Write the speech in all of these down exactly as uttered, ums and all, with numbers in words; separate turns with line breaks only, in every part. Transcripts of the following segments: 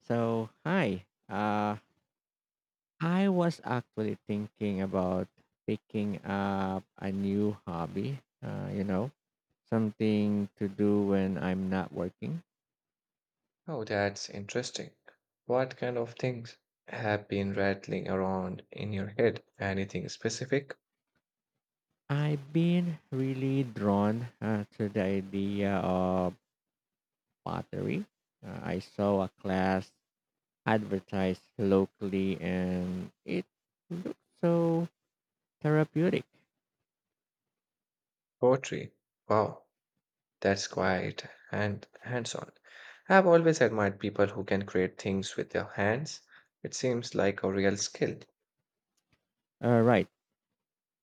So, hi. Uh, I was actually thinking about picking up a new hobby, uh, you know, something to do when I'm not working.
Oh, that's interesting. What kind of things have been rattling around in your head? Anything specific?
I've been really drawn uh, to the idea of pottery. Uh, I saw a class advertised locally and it looked so therapeutic.
Poetry. Wow, that's quite hand hands-on. I've always admired people who can create things with their hands. It seems like a real skill.
All right.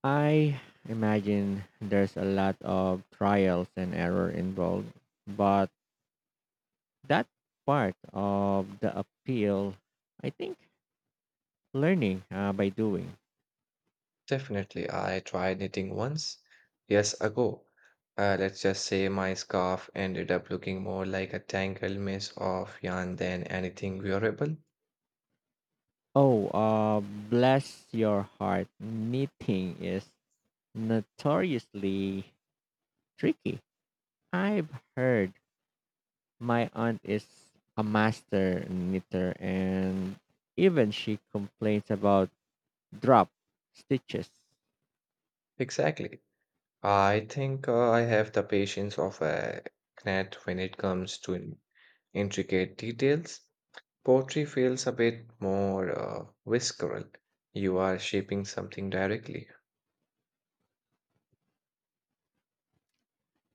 I imagine there's a lot of trials and error involved, but that part of the appeal, I think, learning uh, by doing.
Definitely, I tried knitting once, years ago. Uh, let's just say my scarf ended up looking more like a tangled mess of yarn than anything wearable.
Oh, uh, bless your heart. Knitting is notoriously tricky. I've heard my aunt is a master knitter, and even she complains about drop stitches.
Exactly. I think uh, I have the patience of a gnat when it comes to in- intricate details. Poetry feels a bit more uh, visceral. You are shaping something directly.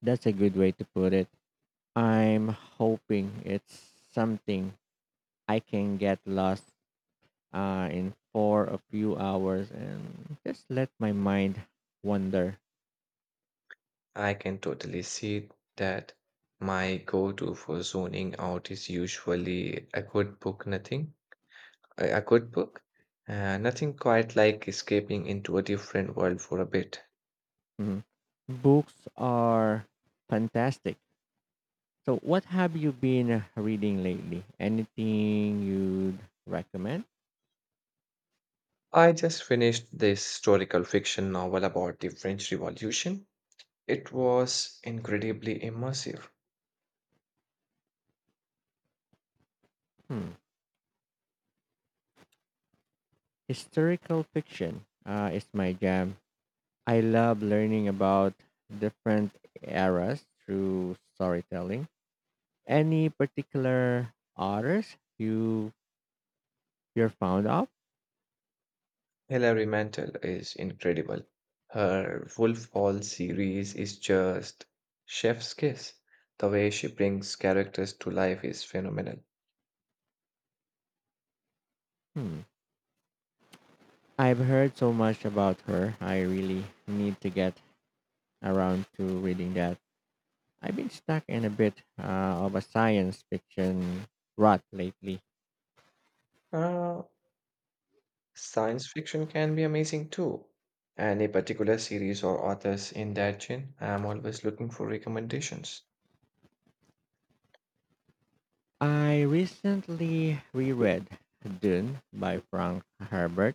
That's a good way to put it. I'm hoping it's something I can get lost uh, in for a few hours and just let my mind wander.
I can totally see that. My go-to for zoning out is usually a good book, nothing. A a good book, uh, nothing quite like escaping into a different world for a bit.
Mhm. Books are fantastic. So, what have you been reading lately? Anything you'd recommend?
I just finished this historical fiction novel about the French Revolution. It was incredibly immersive.
Hmm. Historical fiction uh, is my jam. I love learning about different eras through storytelling. Any particular artist you you're fond of?
Hilary Mantel is incredible. Her Wolf Hall series is just chef's kiss. The way she brings characters to life is phenomenal.
Hmm. I've heard so much about her. I really need to get around to reading that. I've been stuck in a bit uh, of a science fiction rut lately.
Uh, Science fiction can be amazing too. Any particular series or authors in that genre? I am always looking for recommendations.
I recently reread Dune by Frank Herbert.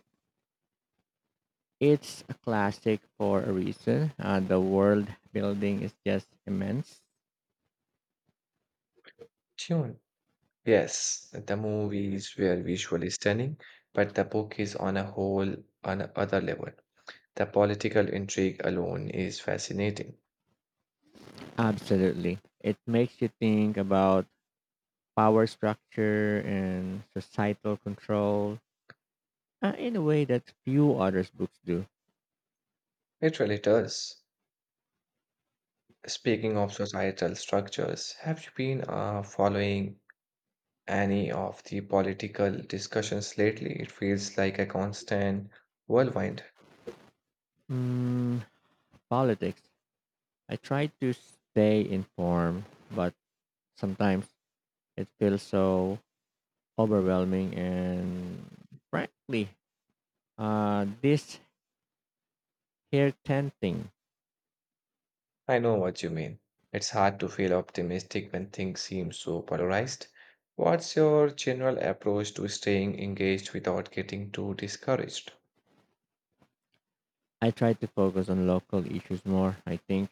It's a classic for a reason. Uh, the world building is just immense.
Tune. Yes, the movies were visually stunning, but the book is on a whole on a other level. The political intrigue alone is fascinating.
Absolutely. It makes you think about power structure and societal control uh, in a way that few other books do.
It really does. Speaking of societal structures, have you been uh, following any of the political discussions lately? It feels like a constant whirlwind.
Mm, politics. I try to stay informed, but sometimes it feels so overwhelming and frankly, uh, this here ten thing.
I know what you mean. It's hard to feel optimistic when things seem so polarized. What's your general approach to staying engaged without getting too discouraged?
I try to focus on local issues more. I think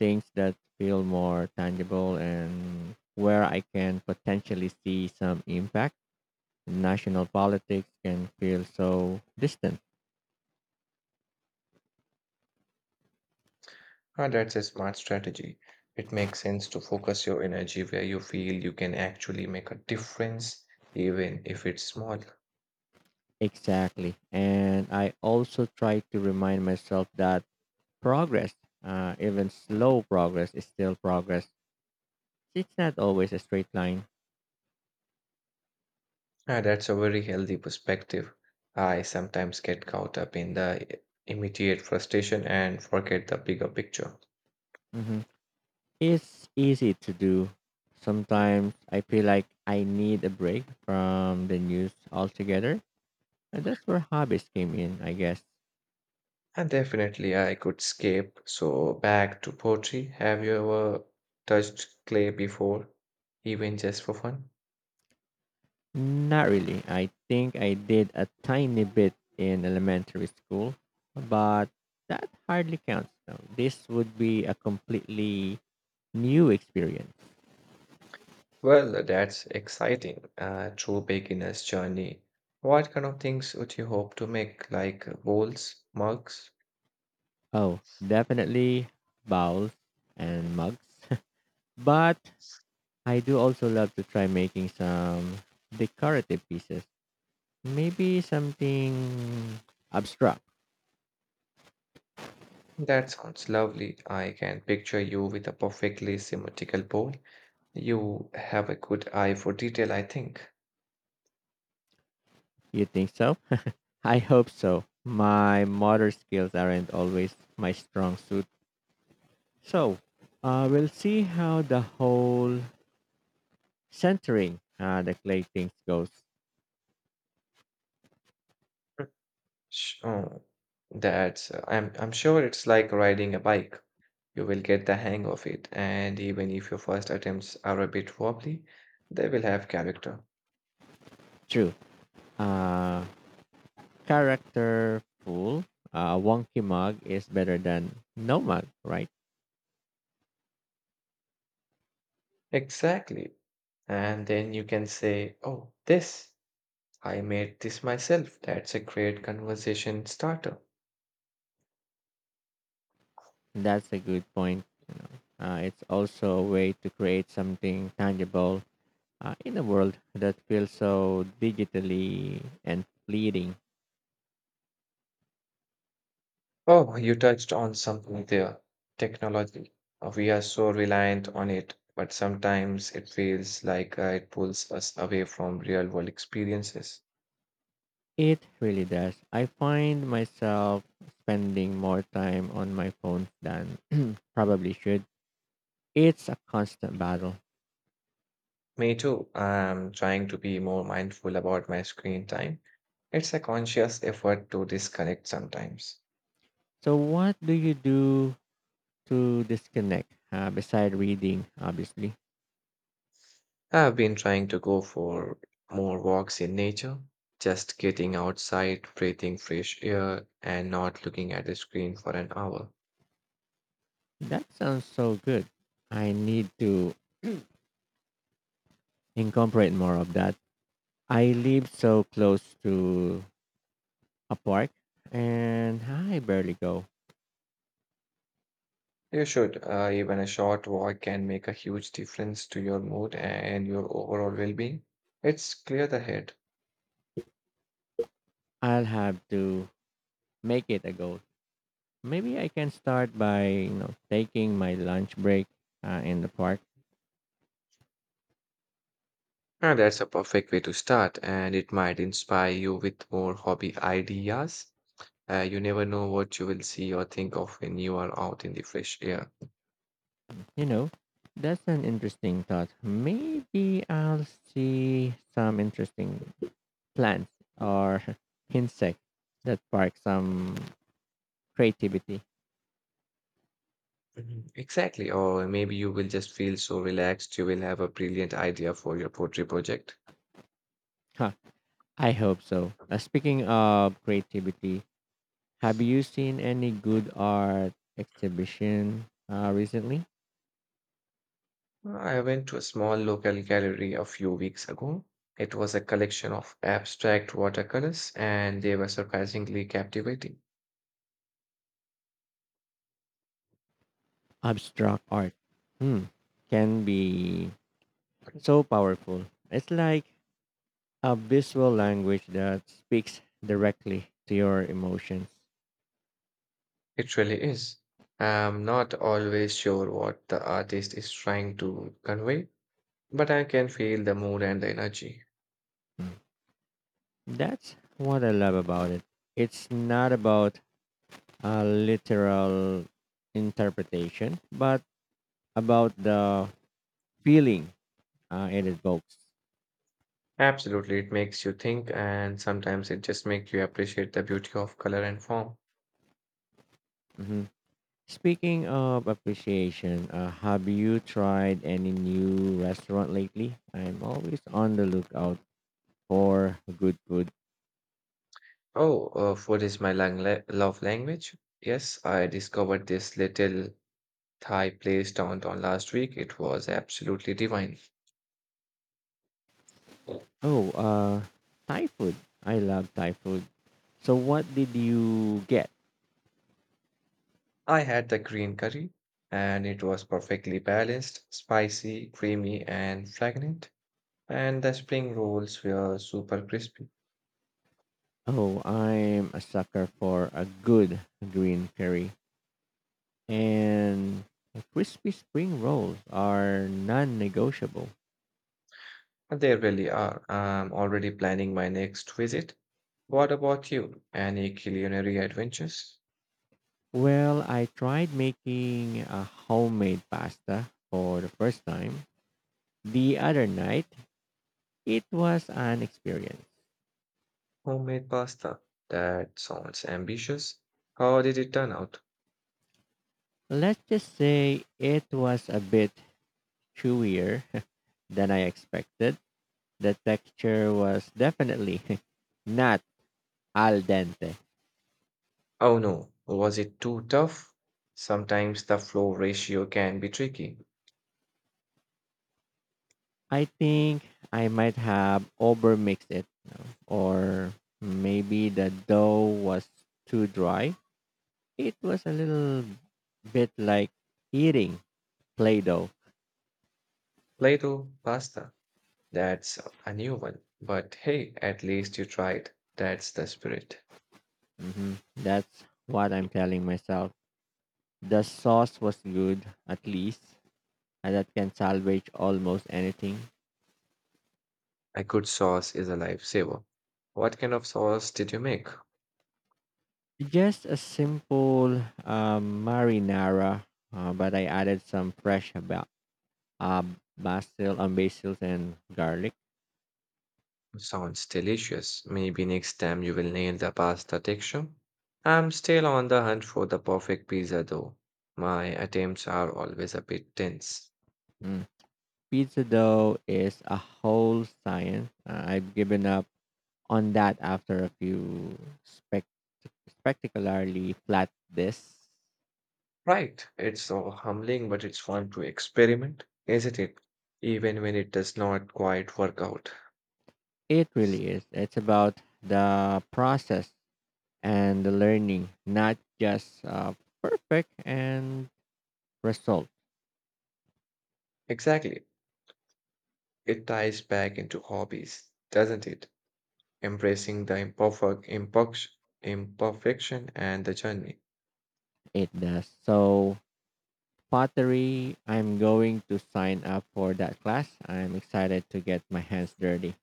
things that feel more tangible and where I can potentially see some impact. National politics can feel so distant.
Ah, that's a smart strategy. It makes sense to focus your energy where you feel you can actually make a difference, even if it's small.
Exactly. And I also try to remind myself that progress, uh, even slow progress, is still progress. It's not always a straight line.
Ah, that's a very healthy perspective. I sometimes get caught up in the immediate frustration and forget the bigger picture.
hmm It's easy to do. Sometimes I feel like I need a break from the news altogether. And that's where hobbies came in, I guess.
And definitely, I could skip. So, back to poetry. Have you ever touched clay before, even just for fun?
Not really. I think I did a tiny bit in elementary school, but that hardly counts. No, this would be a completely new experience.
Well, that's exciting. A true beginner's journey. What kind of things would you hope to make, like bowls, mugs?
Oh, definitely bowls and mugs. But I do also love to try making some decorative pieces. Maybe something abstract.
That sounds lovely. I can picture you with a perfectly symmetrical bowl. You have a good eye for detail, I think.
You think so? I hope so. My motor skills aren't always my strong suit. So uh, we'll see how the whole centering uh, the clay things goes
Mm. Sh- Oh, that's, I'm, I'm sure it's like riding a bike. You will get the hang of it, and even if your first attempts are a bit wobbly, they will have character.
through. Uh, character pool, uh, wonky mug is better than no mug, right?
Exactly. And then you can say, "Oh, this, I made this myself." That's a great conversation starter.
That's a good point. You know, uh, it's also a way to create something tangible uh, in a world that feels so digitally and fleeting.
Oh, you touched on something there, technology. Uh, We are so reliant on it, but sometimes it feels like uh, it pulls us away from real world experiences.
It really does. I find myself spending more time on my phone than probably should. It's a constant battle.
Me too. I'm trying to be more mindful about my screen time. It's a conscious effort to disconnect sometimes.
So, what do you do to disconnect uh, beside reading? Obviously,
I've been trying to go for more walks in nature, just getting outside, breathing fresh air, and not looking at the screen for an hour.
that sounds so good. I need to incorporate more of that. I live so close to a park and I barely go.
You should. Uh, even a short walk can make a huge difference to your mood and your overall well being. It's clear the head.
I'll have to make it a goal. Maybe I can start by you know taking my lunch break uh, in the park.
Now, that's a perfect way to start, and it might inspire you with more hobby ideas. Uh, you never know what you will see or think of when you are out in the fresh air.
You know, that's an interesting thought. Maybe I'll see some interesting plants or insect that spark some creativity.
Mhm. Exactly. Or maybe you will just feel so relaxed, you will have a brilliant idea for your poetry project.
Huh, I hope so. Uh, speaking of creativity, have you seen any good art exhibition uh, recently?
Mm, I went to a small local gallery a few weeks ago. It was a collection of abstract watercolors, and they were surprisingly captivating.
Abstract art, hmm, can be so powerful. It's like a visual language that speaks directly to your emotions.
It really is. I'm not always sure what the artist is trying to convey, but I can feel the mood and the energy.
Hmm. That's what I love about it. It's not about a literal interpretation, but about the feeling uh, it evokes.
Absolutely, it makes you think, and sometimes it just makes you appreciate the beauty of color and form.
Mhm. Speaking of appreciation, uh, have you tried any new restaurant lately? I'm always on the lookout for good food.
Oh, uh, food is my lang la- love language. Yes, I discovered this little Thai place downtown last week. It was absolutely divine.
Oh, uh, Thai food. I love Thai food. So, what did you get?
I had the green curry, and it was perfectly balanced, spicy, creamy, and fragrant. And the spring rolls were super crispy.
Oh, I'm a sucker for a good green curry, and crispy spring rolls are non-negotiable.
They really are. I'm already planning my next visit. What about you? Any culinary adventures?
Well, I tried making a homemade pasta for the first time the other night. It was an experience.
Homemade pasta. That sounds ambitious. How did it turn out?
Let's just say it was a bit chewier than I expected. The texture was definitely not al dente.
Oh no, was it too tough? Sometimes the flow ratio can be tricky.
I think I might have overmixed it, you know, or maybe the dough was too dry. It was a little bit like eating Play Doh.
Play-doh pasta, that's a new one. But hey, at least you tried. That's the spirit.
hmm That's what I'm telling myself. The sauce was good, at least, and that can salvage almost anything.
A good sauce is a lifesaver. What kind of sauce did you make?
Just a simple um, marinara, uh, but I added some fresh ba- uh, basil, um, basils, and garlic.
Sounds delicious. Maybe next time you will nail the pasta texture. I'm still on the hunt for the perfect pizza though. My attempts are always a bit tense.
Mm. Pizza dough is a whole science. Uh, I've given up on that after a few spec- spectacularly flat discs.
Right. It's so humbling, but it's fun to experiment, isn't it? Even when it does not quite work out.
It really is. It's about the process and the learning, not just uh, perfect and result.
Exactly. It ties back into hobbies, doesn't it? Embracing the imperfect, imperfection, imperfection and the journey.
It does. So pottery, I'm going to sign up for that class. I'm excited to get my hands dirty.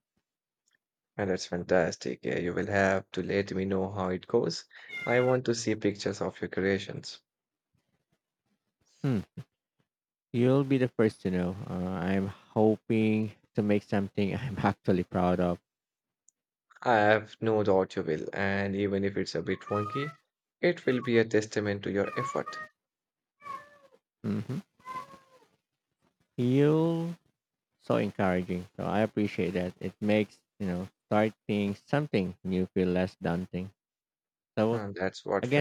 And that's fantastic. Yeah, you will have to let me know how it goes. I want to see pictures of your creations.
Hmm. You'll be the first to know. Uh, I'm hoping to make something I'm actually proud of.
I have no doubt you will. And even if it's a bit wonky, it will be a testament to your effort.
hmm You're so encouraging. So I appreciate that. It makes, you know, starting something new feel less daunting. So
And that's what friendship
again,